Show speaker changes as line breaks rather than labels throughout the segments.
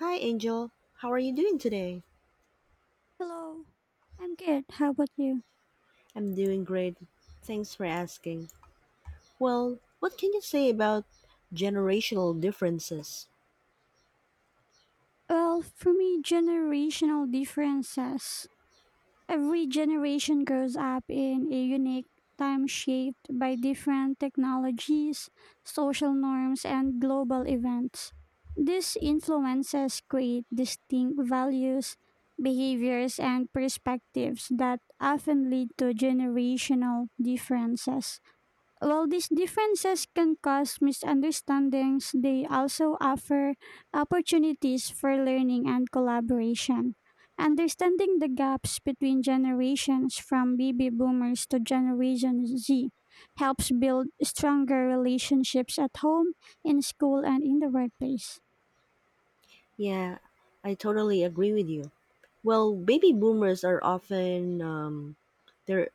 Hi, Angel. How are you doing today?
Hello. I'm good. How about you?
I'm doing great. Thanks for asking. Well, what can you say about generational differences?
Well, for me, generational differences. Every generation grows up in a unique time shaped by different technologies, social norms, and global events. These influences create distinct values, behaviors, and perspectives that often lead to generational differences. While these differences can cause misunderstandings, they also offer opportunities for learning and collaboration. Understanding the gaps between generations from baby boomers to Generation Z helps build stronger relationships at home, in school, and in the workplace.
Yeah, I totally agree with you. Well, baby boomers are often they're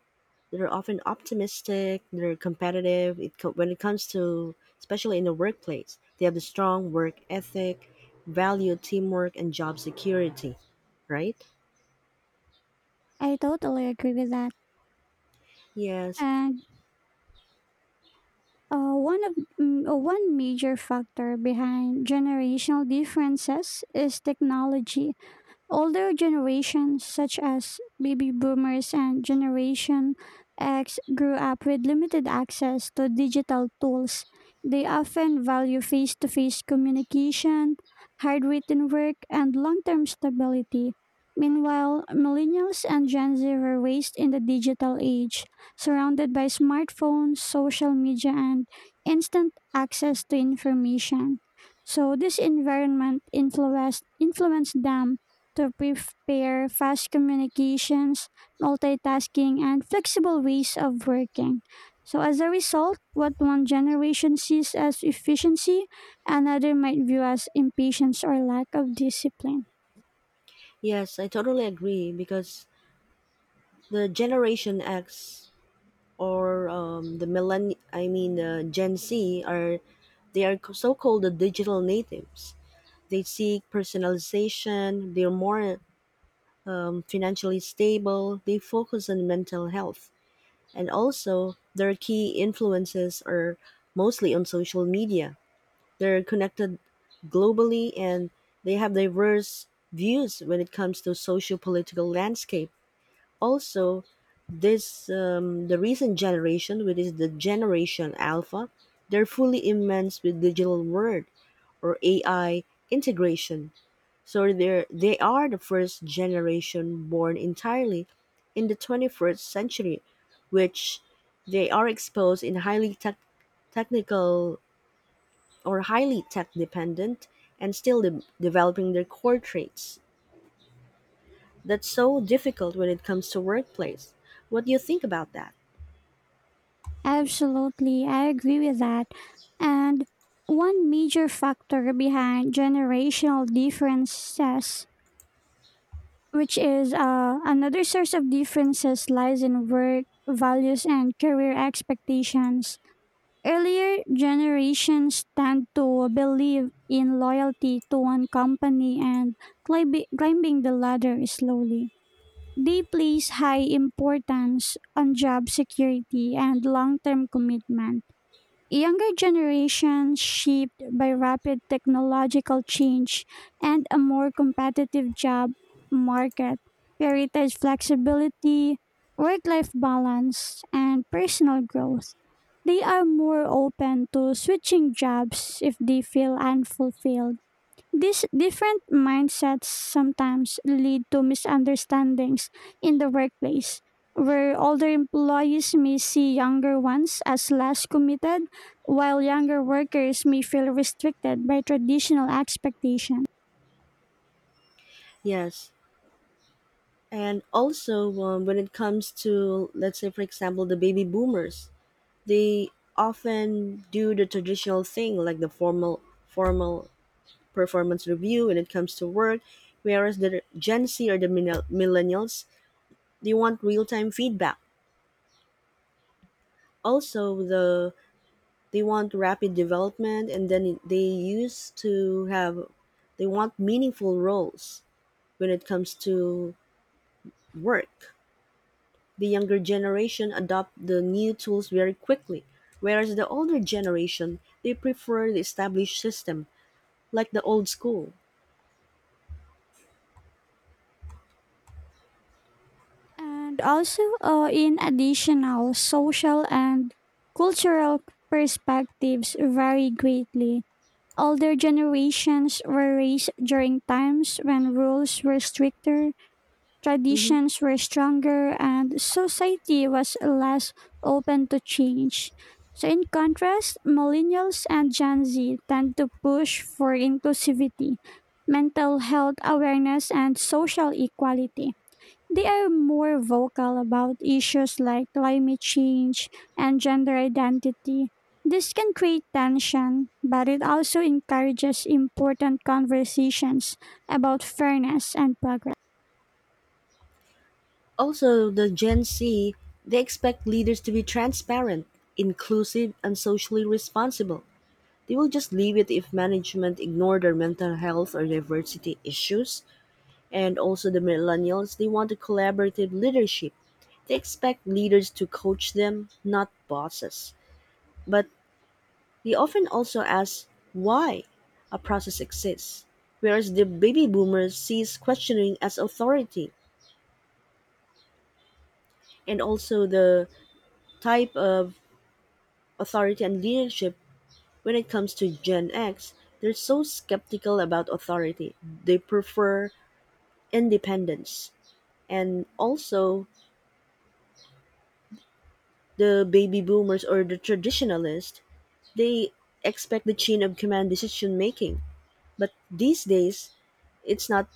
they're often optimistic. They're competitive. When it comes to especially in the workplace, they have a strong work ethic, value teamwork, and job security, right?
I totally agree with that.
Yes,
And one of one major factor behind generational differences is technology. Older generations, such as baby boomers and Generation X, grew up with limited access to digital tools. They often value face to face communication, handwritten work, and long term stability. Meanwhile, millennials and Gen Z were raised in the digital age, surrounded by smartphones, social media, and instant access to information. So, this environment influenced them to prepare fast communications, multitasking, and flexible ways of working. So, as a result, what one generation sees as efficiency, another might view as impatience or lack of discipline.
yes, I totally agree because the Generation X or the millenn I mean the Gen Z are they are so called the digital natives. They seek personalization. They're more financially stable. They focus on mental health, and also their key influences are mostly on social media. They're connected globally, and they have diverse views when it comes to socio-political landscape. Also, this the recent generation, which is the generation alpha, they're fully immersed with digital world or ai integration. So they are the first generation born entirely in the 21st century, which they are exposed in highly tech technical or highly tech dependent, and still developing their core traits. That's so difficult when it comes to workplace. What do you think about that?
Absolutely, I agree with that. And one major factor behind generational differences, which is another source of differences, lies in work values and career expectations. Earlier generations tend to believe in loyalty to one company and climbing the ladder slowly. They place high importance on job security and long term commitment. Younger generations shaped by rapid technological change and a more competitive job market prioritize flexibility, work life balance, and personal growth. They are more open to switching jobs if they feel unfulfilled. These different mindsets sometimes lead to misunderstandings in the workplace, where older employees may see younger ones as less committed, while younger workers may feel restricted by traditional expectations.
Yes. And also, when it comes to, let's say, for example, the baby boomers, they often do the traditional thing like the formal performance review when it comes to work, whereas the Gen Z or the millennials, they want real time feedback. Also, they want rapid development, and then they used to have, they want meaningful roles when it comes to work. The younger generation adopt the new tools very quickly, whereas the older generation they prefer the established system, like the old school.
And also, in additional social and cultural perspectives vary greatly. Older generations were raised during times when rules were stricter,
Mhm.
traditions were stronger, and society was less open to change. So, in contrast, millennials and Gen Z tend to push for inclusivity, mental health awareness, and social equality. They are more vocal about issues like climate change and gender identity. This can create tension, but it also encourages important conversations about fairness and progress.
Also, the Gen Z they expect leaders to be transparent, inclusive, and socially responsible. They will just leave it if management ignore their mental health or diversity issues. And also, the millennials they want a collaborative leadership. They expect leaders to coach them, not bosses. But we often also ask why a process exists, whereas the baby boomers sees questioning as authority, and also the type of authority and leadership when it comes to Gen X. They're so skeptical about authority. They prefer independence. And also, the baby boomers or the traditionalists, they expect the chain of command decision making. But these days, it's not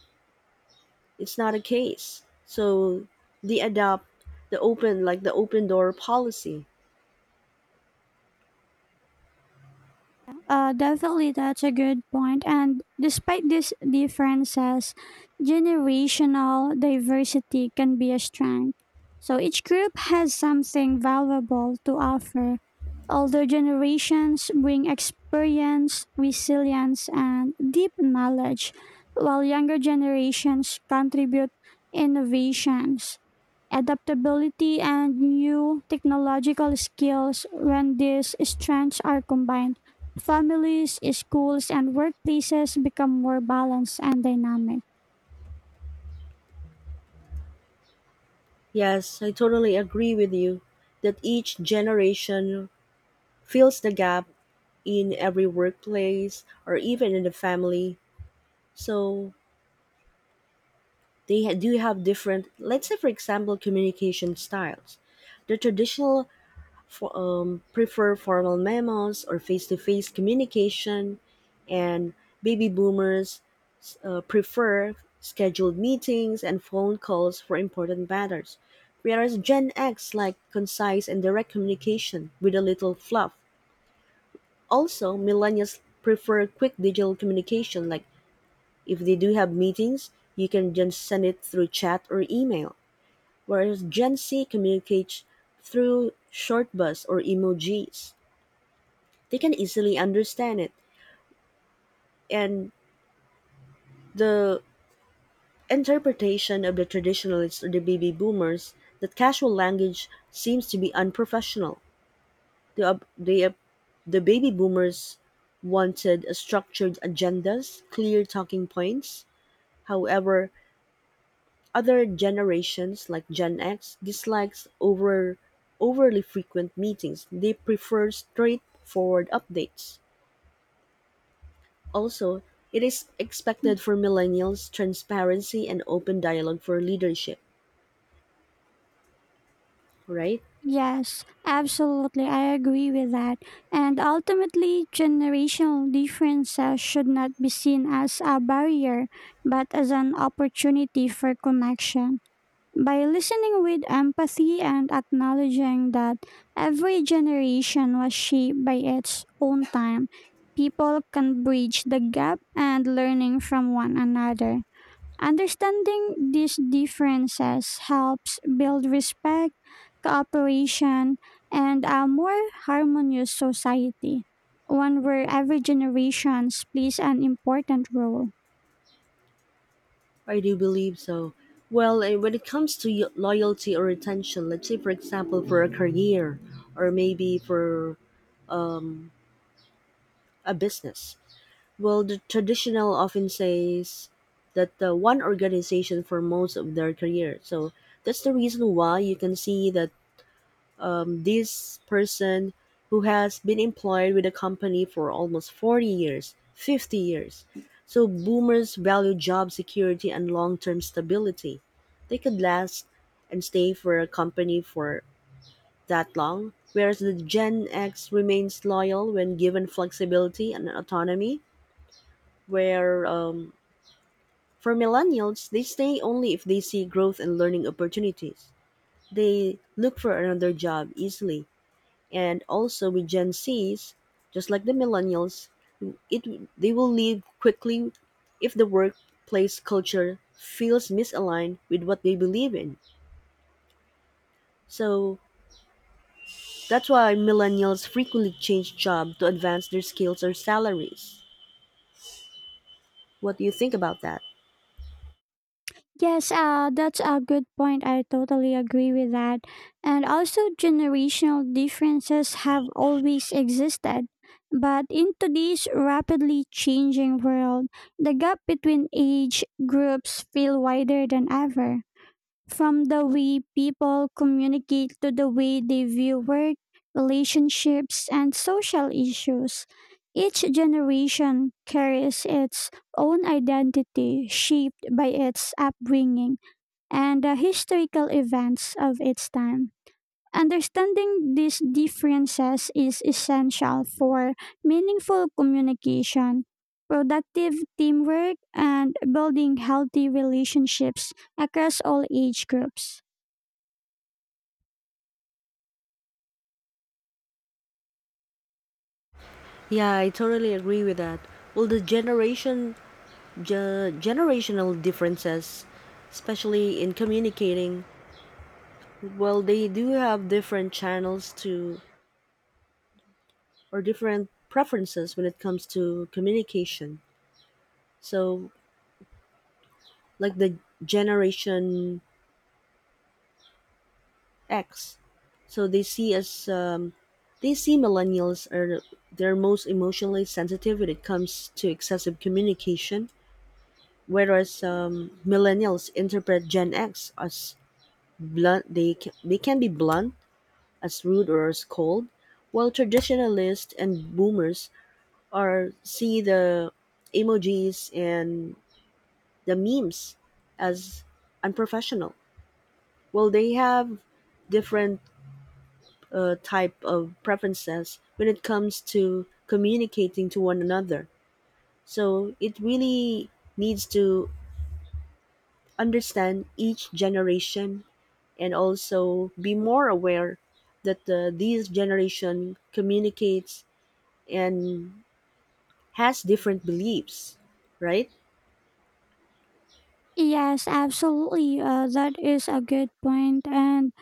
it's not a case. So they adopt the open, like the open door policy.
Definitely, that's a good point. And despite these differences, generational diversity can be a strength. So each group has something valuable to offer. Older generations bring experience, resilience, and deep knowledge, while younger generations contribute innovations, adaptability, and new technological skills when these strengths are combined. Families, schools, and workplaces become more balanced and dynamic.
Yes, I totally agree with you that each generation fills the gap in every workplace or even in the family. So do have different, let's say, for example, communication styles. The traditional prefer formal memos or face to face communication, and baby boomers prefer scheduled meetings and phone calls for important matters, whereas Gen X like concise and direct communication with a little fluff. Also, millennials prefer quick digital communication, like if they do have meetings, you can just send it through chat or email, whereas Gen Z communicates through short bus or emojis. They can easily understand it, and the interpretation of the traditionalists or the baby boomers that casual language seems to be unprofessional. The, ob- the, ob- the baby boomers wanted a structured agendas, clear talking points. However, other generations like Gen X dislikes overly frequent meetings. They prefer straightforward updates. Also, it is expected for millennials transparency and open dialogue for leadership, right?
Yes, absolutely. I agree with that. And ultimately, generational differences should not be seen as a barrier, but as an opportunity for connection. By listening with empathy and acknowledging that every generation was shaped by its own time, people can bridge the gap and learning from one another. Understanding these differences helps build respect, cooperation, and a more harmonious society, one where every generation plays an important role.
I do believe so. Well, when it comes to loyalty or retention, let's say, for example, for a career or maybe for a business, well, the traditional often says that one organization for most of their career. So that's the reason why you can see that this person who has been employed with a company for almost 40 years, 50 years. So boomers value job security and long-term stability. They could last and stay for a company for that long, whereas the Gen X remains loyal when given flexibility and autonomy, where for millennials, they stay only if they see growth and learning opportunities. They look for another job easily, and also with Gen Zs, just like the millennials, it they will leave quickly if the workplace culture feels misaligned with what they believe in. So that's why millennials frequently change job to advance their skills or salaries. What do you think about that?
Yes, that's a good point. I totally agree with that. And also, generational differences have always existed. But in today's rapidly changing world, the gap between age groups feel wider than ever. From the way people communicate to the way they view work, relationships, and social issues, each generation carries its own identity shaped by its upbringing and the historical events of its time. Understanding these differences is essential for meaningful communication, productive teamwork, and building healthy relationships across all age groups.
Yeah, I totally agree with that. Well, the generational differences, especially in communicating, well, they do have different channels to or different preferences when it comes to communication. So, like the Generation X, so they see as they see millennials are they're most emotionally sensitive when it comes to excessive communication, whereas millennials interpret Gen X as blunt. They can be blunt, as rude or as cold, while traditionalists and boomers are see the emojis and the memes as unprofessional. Well, they have different type of preferences when it comes to communicating to one another. So it really needs to understand each generation and also be more aware that these generation communicates and has different beliefs, right?
Yes, absolutely. That is a good point. And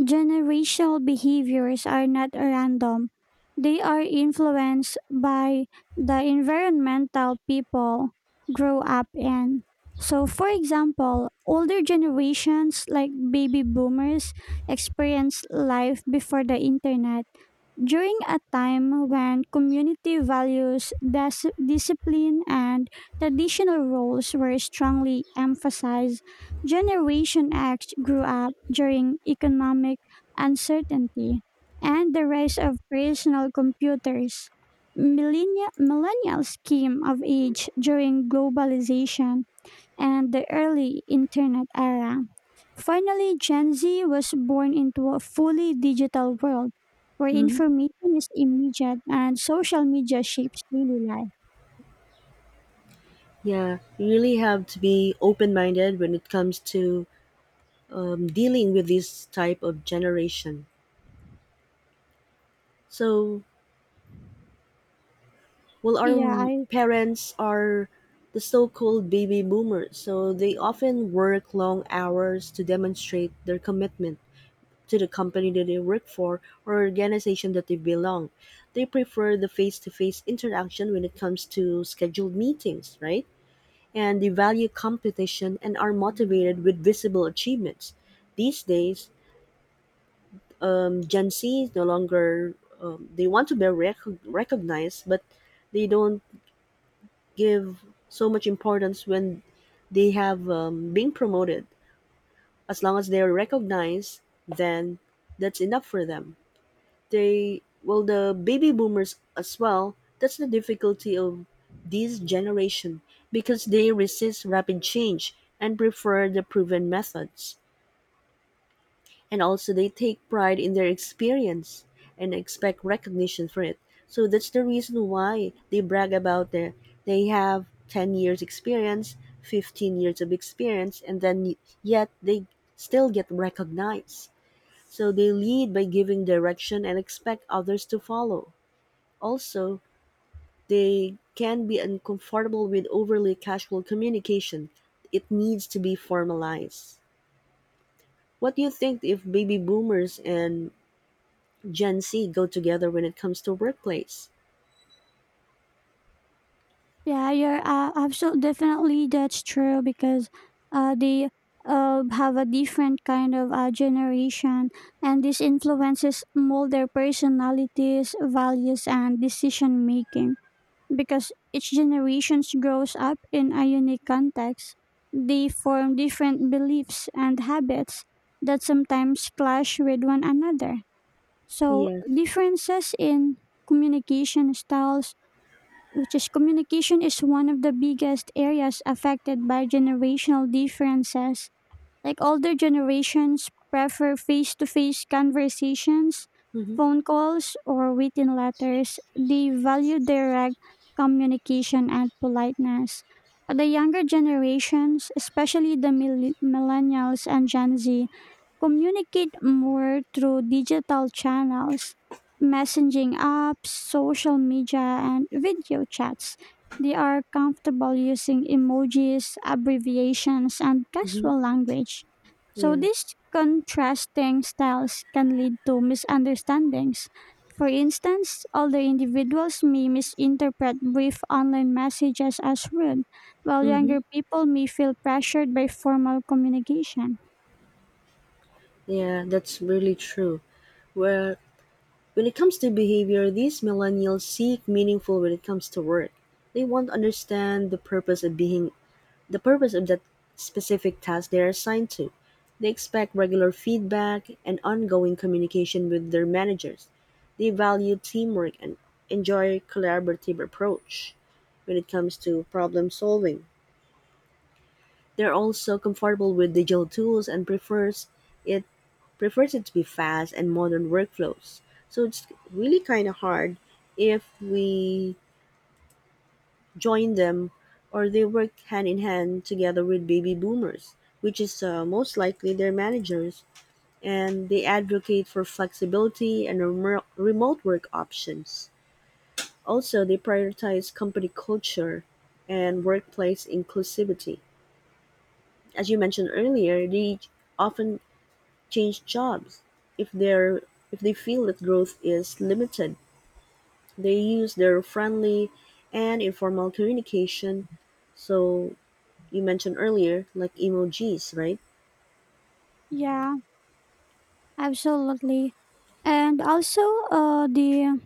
generational behaviors are not random, they are influenced by the environmental people grow up in. So, for example, older generations like baby boomers experience life before the internet during a time when community values, discipline, and traditional roles were strongly emphasized. Generation X grew up during economic uncertainty and the rise of personal computers. Millennials came of age during globalization and the early internet era. Finally, Gen Z was born into a fully digital world where
Hmm.
information is immediate and social media shapes daily life.
Yeah, you really have to be open minded when it comes to dealing with this type of generation. So, well, our
Yeah, I,
parents are the so-called baby boomers, so they often work long hours to demonstrate their commitment to the company that they work for or organization that they belong. They prefer the face-to-face interaction when it comes to scheduled meetings, right? And they value competition and are motivated with visible achievements. These days, Gen Z no longer they want to be recognized, but they don't give so much importance when they have been promoted. As long as they are recognized, then that's enough for them. They well, the baby boomers as well. That's the difficulty of this generation because they resist rapid change and prefer the proven methods, and also they take pride in their experience and expect recognition for it. So that's the reason why they brag about their they have 10 years experience, 15 years of experience, and then yet they still get recognized. So they lead by giving direction and expect others to follow. Also, they can be uncomfortable with overly casual communication. It needs to be formalized. What do you think if baby boomers and Gen Z go together when it comes to workplace?
yeah, you're absolutely, definitely that's true because they have a different kind of generation, and this influences mold their personalities, values, and decision making. Because each generation grows up in a unique context. They form different beliefs and habits that sometimes clash with one another. So,
Yes.
differences in communication styles, which is communication, is one of the biggest areas affected by generational differences, like older generations prefer face to face conversations,
Mm-hmm.
phone calls, or written letters. They value direct communication and politeness. The younger generations, especially the millennials and Gen Z, communicate more through digital channels, messaging apps, social media, and video chats. They are comfortable using emojis, abbreviations, and
Mm-hmm.
casual language. So
Yeah.
these contrasting styles can lead to misunderstandings. For instance, older individuals may misinterpret brief online messages as rude, while
Mm-hmm.
younger people may feel pressured by formal communication.
Yeah, that's really true. Where when it comes to behavior, these millennials seek meaningful when it comes to work. They want to understand the purpose of that specific task they are assigned to. They expect regular feedback and ongoing communication with their managers. They value teamwork and enjoy collaborative approach when it comes to problem solving. They're also comfortable with digital tools and it prefers it to be fast and modern workflows. So it's really kind of hard if we join them or they work hand in hand together with baby boomers, which is most likely their managers, and they advocate for flexibility and remote work options. Also, they prioritize company culture and workplace inclusivity. As you mentioned earlier, they often change jobs. If they're if they feel that growth is limited, they use their friendly and informal communication. So you mentioned earlier, like emojis, right?
Yeah, absolutely. And also, the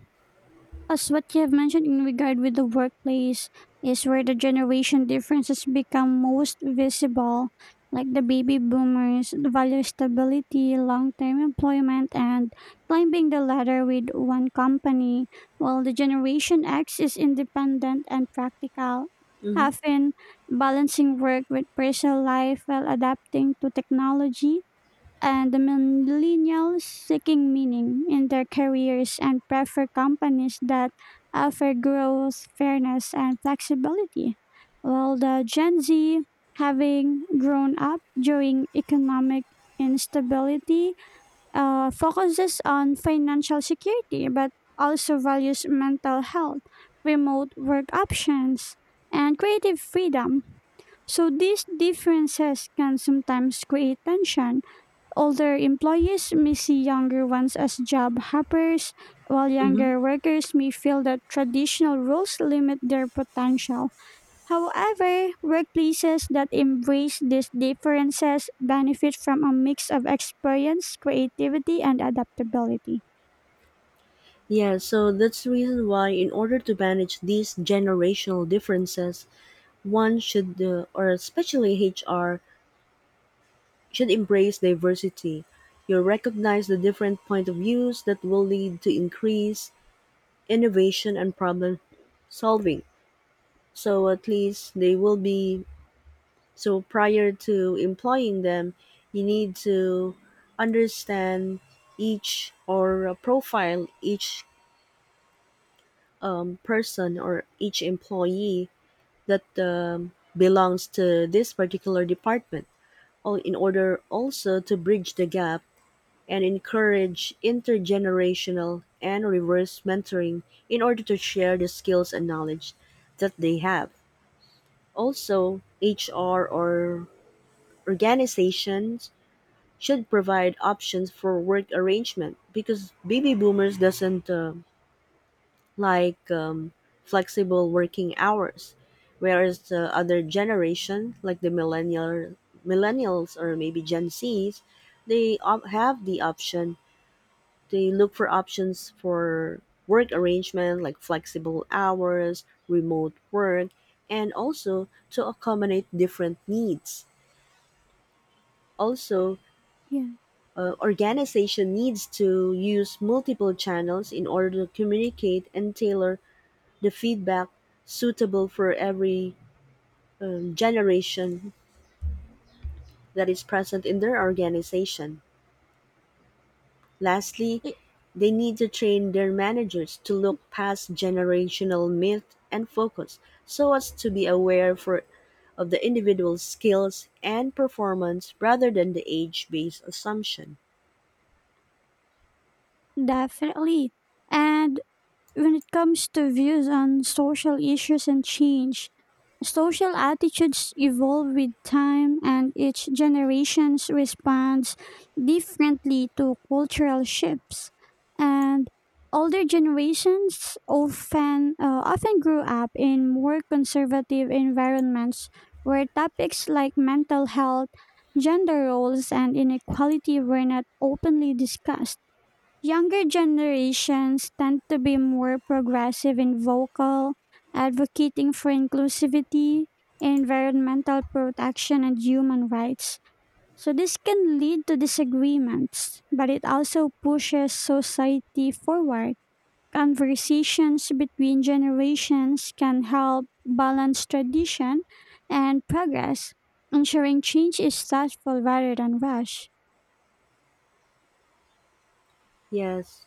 as what you have mentioned in regard with the workplace is where the generation differences become most visible, like the baby boomers value stability, long-term employment, and climbing the ladder with one company, while the generation X is independent and practical,
Mm-hmm.
often balancing work with personal life while adapting to technology, and the millennials seeking meaning in their careers and prefer companies that offer growth, fairness, and flexibility. While the Gen Z, having grown up during economic instability, focuses on financial security but also values mental health, remote work options, and creative freedom. So these differences can sometimes create tension. Older employees may see younger ones as job hoppers, while
Mm-hmm.
younger workers may feel that traditional roles limit their potential. However, workplaces that embrace these differences benefit from a mix of experience, creativity, and adaptability.
Yeah, so that's the reason why, in order to manage these generational differences, one should, or especially HR, should embrace diversity. You recognize the different point of views that will lead to increase innovation and problem solving. So at least they will be. So prior to employing them, you need to understand each or profile each person or each employee that belongs to this particular department. All in order also to bridge the gap and encourage intergenerational and reverse mentoring in order to share the skills and knowledge that they have. Also, HR or organizations should provide options for work arrangement because baby boomers doesn't like flexible working hours, whereas the other generation like the millennials or maybe gen z's, have the option. They look for options for work arrangement like flexible hours, remote work, and also to accommodate different needs. Also,
Yeah.
organization needs to use multiple channels in order to communicate and tailor the feedback suitable for every generation that is present in their organization. Lastly,
It-
they need to train their managers to look past generational myth and focus so as to be aware for of the individual's skills and performance rather than the age-based assumption.
Definitely. And when it comes to views on social issues and change, social attitudes evolve with time and each generation responds differently to cultural shifts. And older generations often grew up in more conservative environments where topics like mental health, gender roles, and inequality were not openly discussed. Younger generations tend to be more progressive and vocal, advocating for inclusivity, environmental protection, and human rights. So, this can lead to disagreements, but it also pushes society forward. Conversations between generations can help balance tradition and progress, ensuring change is thoughtful rather than rushed.
Yes,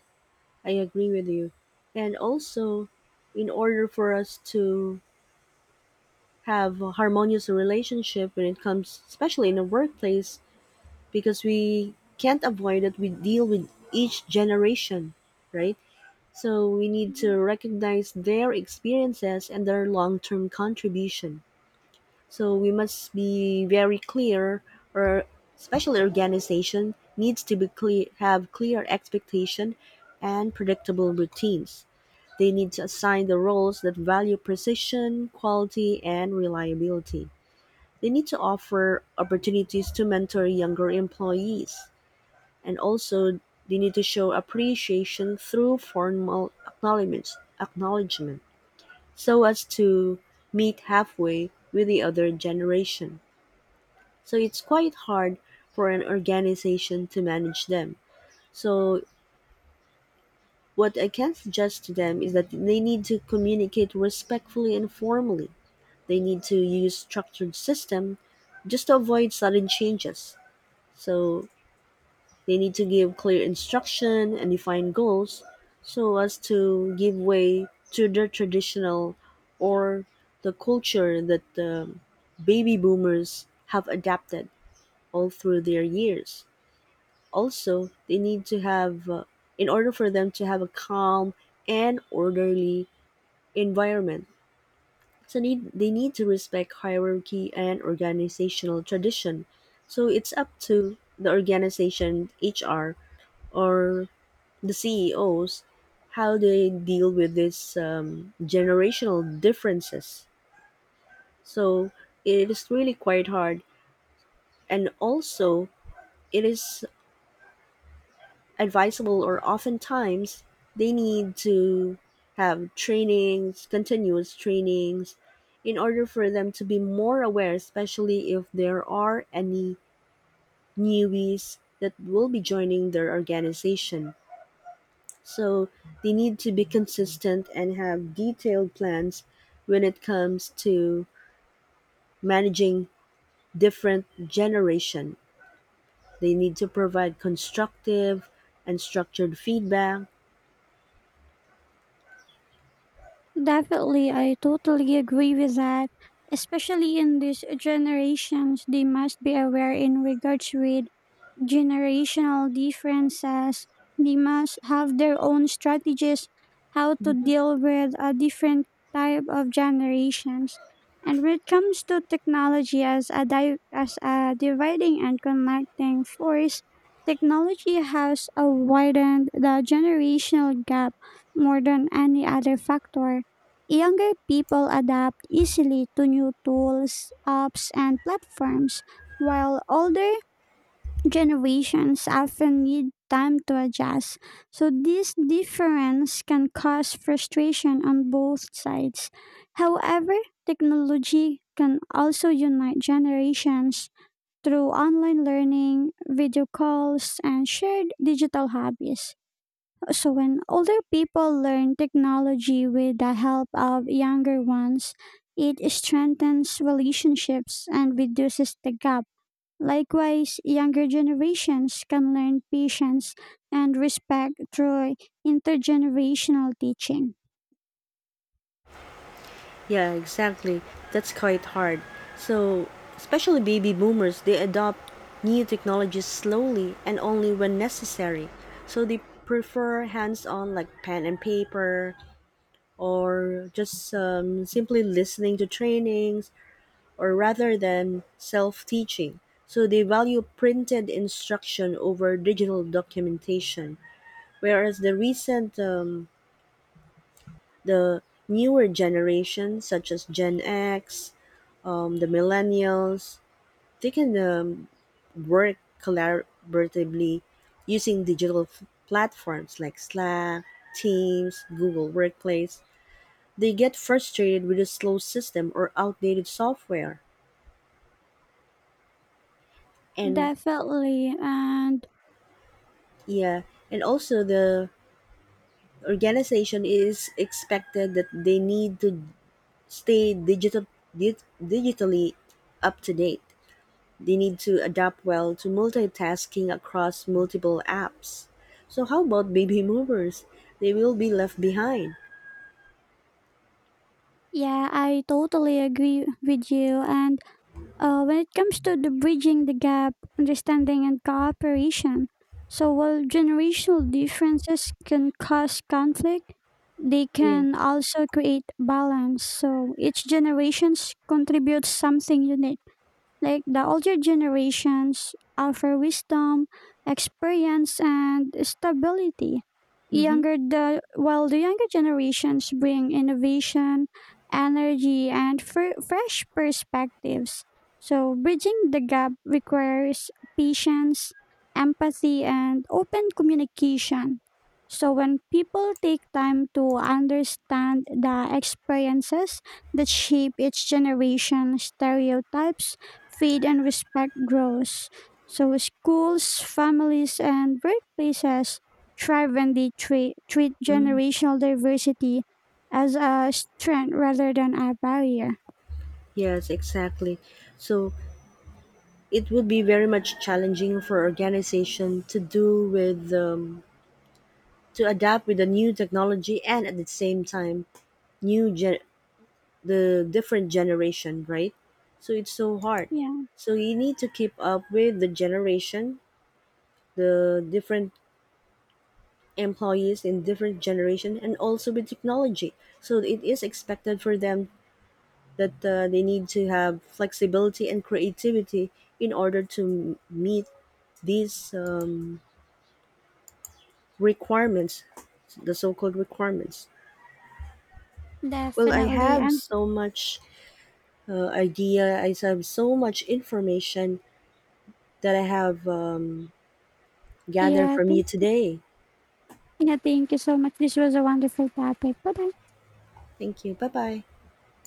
I agree with you. And also, in order for us to have a harmonious relationship when it comes, especially in the workplace, because we can't avoid it, we deal with each generation, right? So we need to recognize their experiences and their long term contribution. So we must be very clear, or especially organization needs to be clear, have clear expectation and predictable routines. They need to assign the roles that value precision, quality, and reliability. They need to offer opportunities to mentor younger employees. And also, they need to show appreciation through formal acknowledgments, acknowledgement so as to meet halfway with the other generation. So it's quite hard for an organization to manage them. So, what I can suggest to them is that they need to communicate respectfully and formally. They need to use structured system just to avoid sudden changes. So they need to give clear instruction and define goals so as to give way to their traditional or the culture that the baby boomers have adapted all through their years. Also, they need to have, in order for them to have a calm and orderly environment. They need to respect hierarchy and organizational tradition. So it's up to the organization, HR, or the CEOs how they deal with these generational differences. So it is really quite hard. And also, it is advisable or oftentimes they need to have trainings, continuous trainings, in order for them to be more aware, especially if there are any newbies that will be joining their organization. So they need to be consistent and have detailed plans when it comes to managing different generation. They need to provide constructive and structured feedback.
Definitely, I totally agree with that. Especially in these generations, they must be aware in regards with generational differences. They must have their own strategies how to deal with a different type of generations. And when it comes to technology as a as a dividing and connecting force, technology has widened the generational gap more than any other factor. Younger people adapt easily to new tools, apps, and platforms, while older generations often need time to adjust, so this difference can cause frustration on both sides. However, technology can also unite generations through online learning, video calls, and shared digital hobbies. So, when older people learn technology with the help of younger ones, it strengthens relationships and reduces the gap. Likewise, younger generations can learn patience and respect through intergenerational teaching.
Yeah, exactly. That's quite hard. So, especially baby boomers, they adopt new technologies slowly and only when necessary. So, they prefer hands on, like pen and paper, or just simply listening to trainings, or rather than self teaching. So, they value printed instruction over digital documentation. Whereas the recent, the newer generation, such as Gen X, the millennials, they can work collaboratively using digital platforms like Slack, Teams, Google Workplace. They get frustrated with a slow system or outdated software. And
Definitely. And
yeah, and also the organization is expected that they need to stay digital, digitally up to date. They need to adapt well to multitasking across multiple apps. So how about baby movers? They will be left behind.
yeah, I totally agree with you. And when it comes to the bridging the gap, understanding and cooperation, so while generational differences can cause conflict, they
Yeah.
can also create balance. So each generation contributes something unique. Like the older generations offer wisdom, experience, and stability.
Mm-hmm.
Younger the while the younger generations bring innovation, energy, and fresh perspectives. So bridging the gap requires patience, empathy, and open communication. So when people take time to understand the experiences that shape each generation's stereotypes, faith and respect grows. So schools, families, and workplaces thrive when they treat
Mm,
generational diversity as a strength rather than a barrier.
yes, exactly. So it would be very much challenging for organization to do with to adapt with the new technology and at the same time new gen- the different generation, right? So it's so hard.
Yeah,
So you need to keep up with the generation, the different employees in different generation and also with technology. So it is expected for them that they need to have flexibility and creativity in order to meet these requirements, the so-called requirements. Well, I
definitely.
have
And
so much idea I have so much information that I have gathered
yeah,
from you
thank,
today.
yeah, thank you so much. This was a wonderful topic. Bye bye.
Thank you. Bye bye.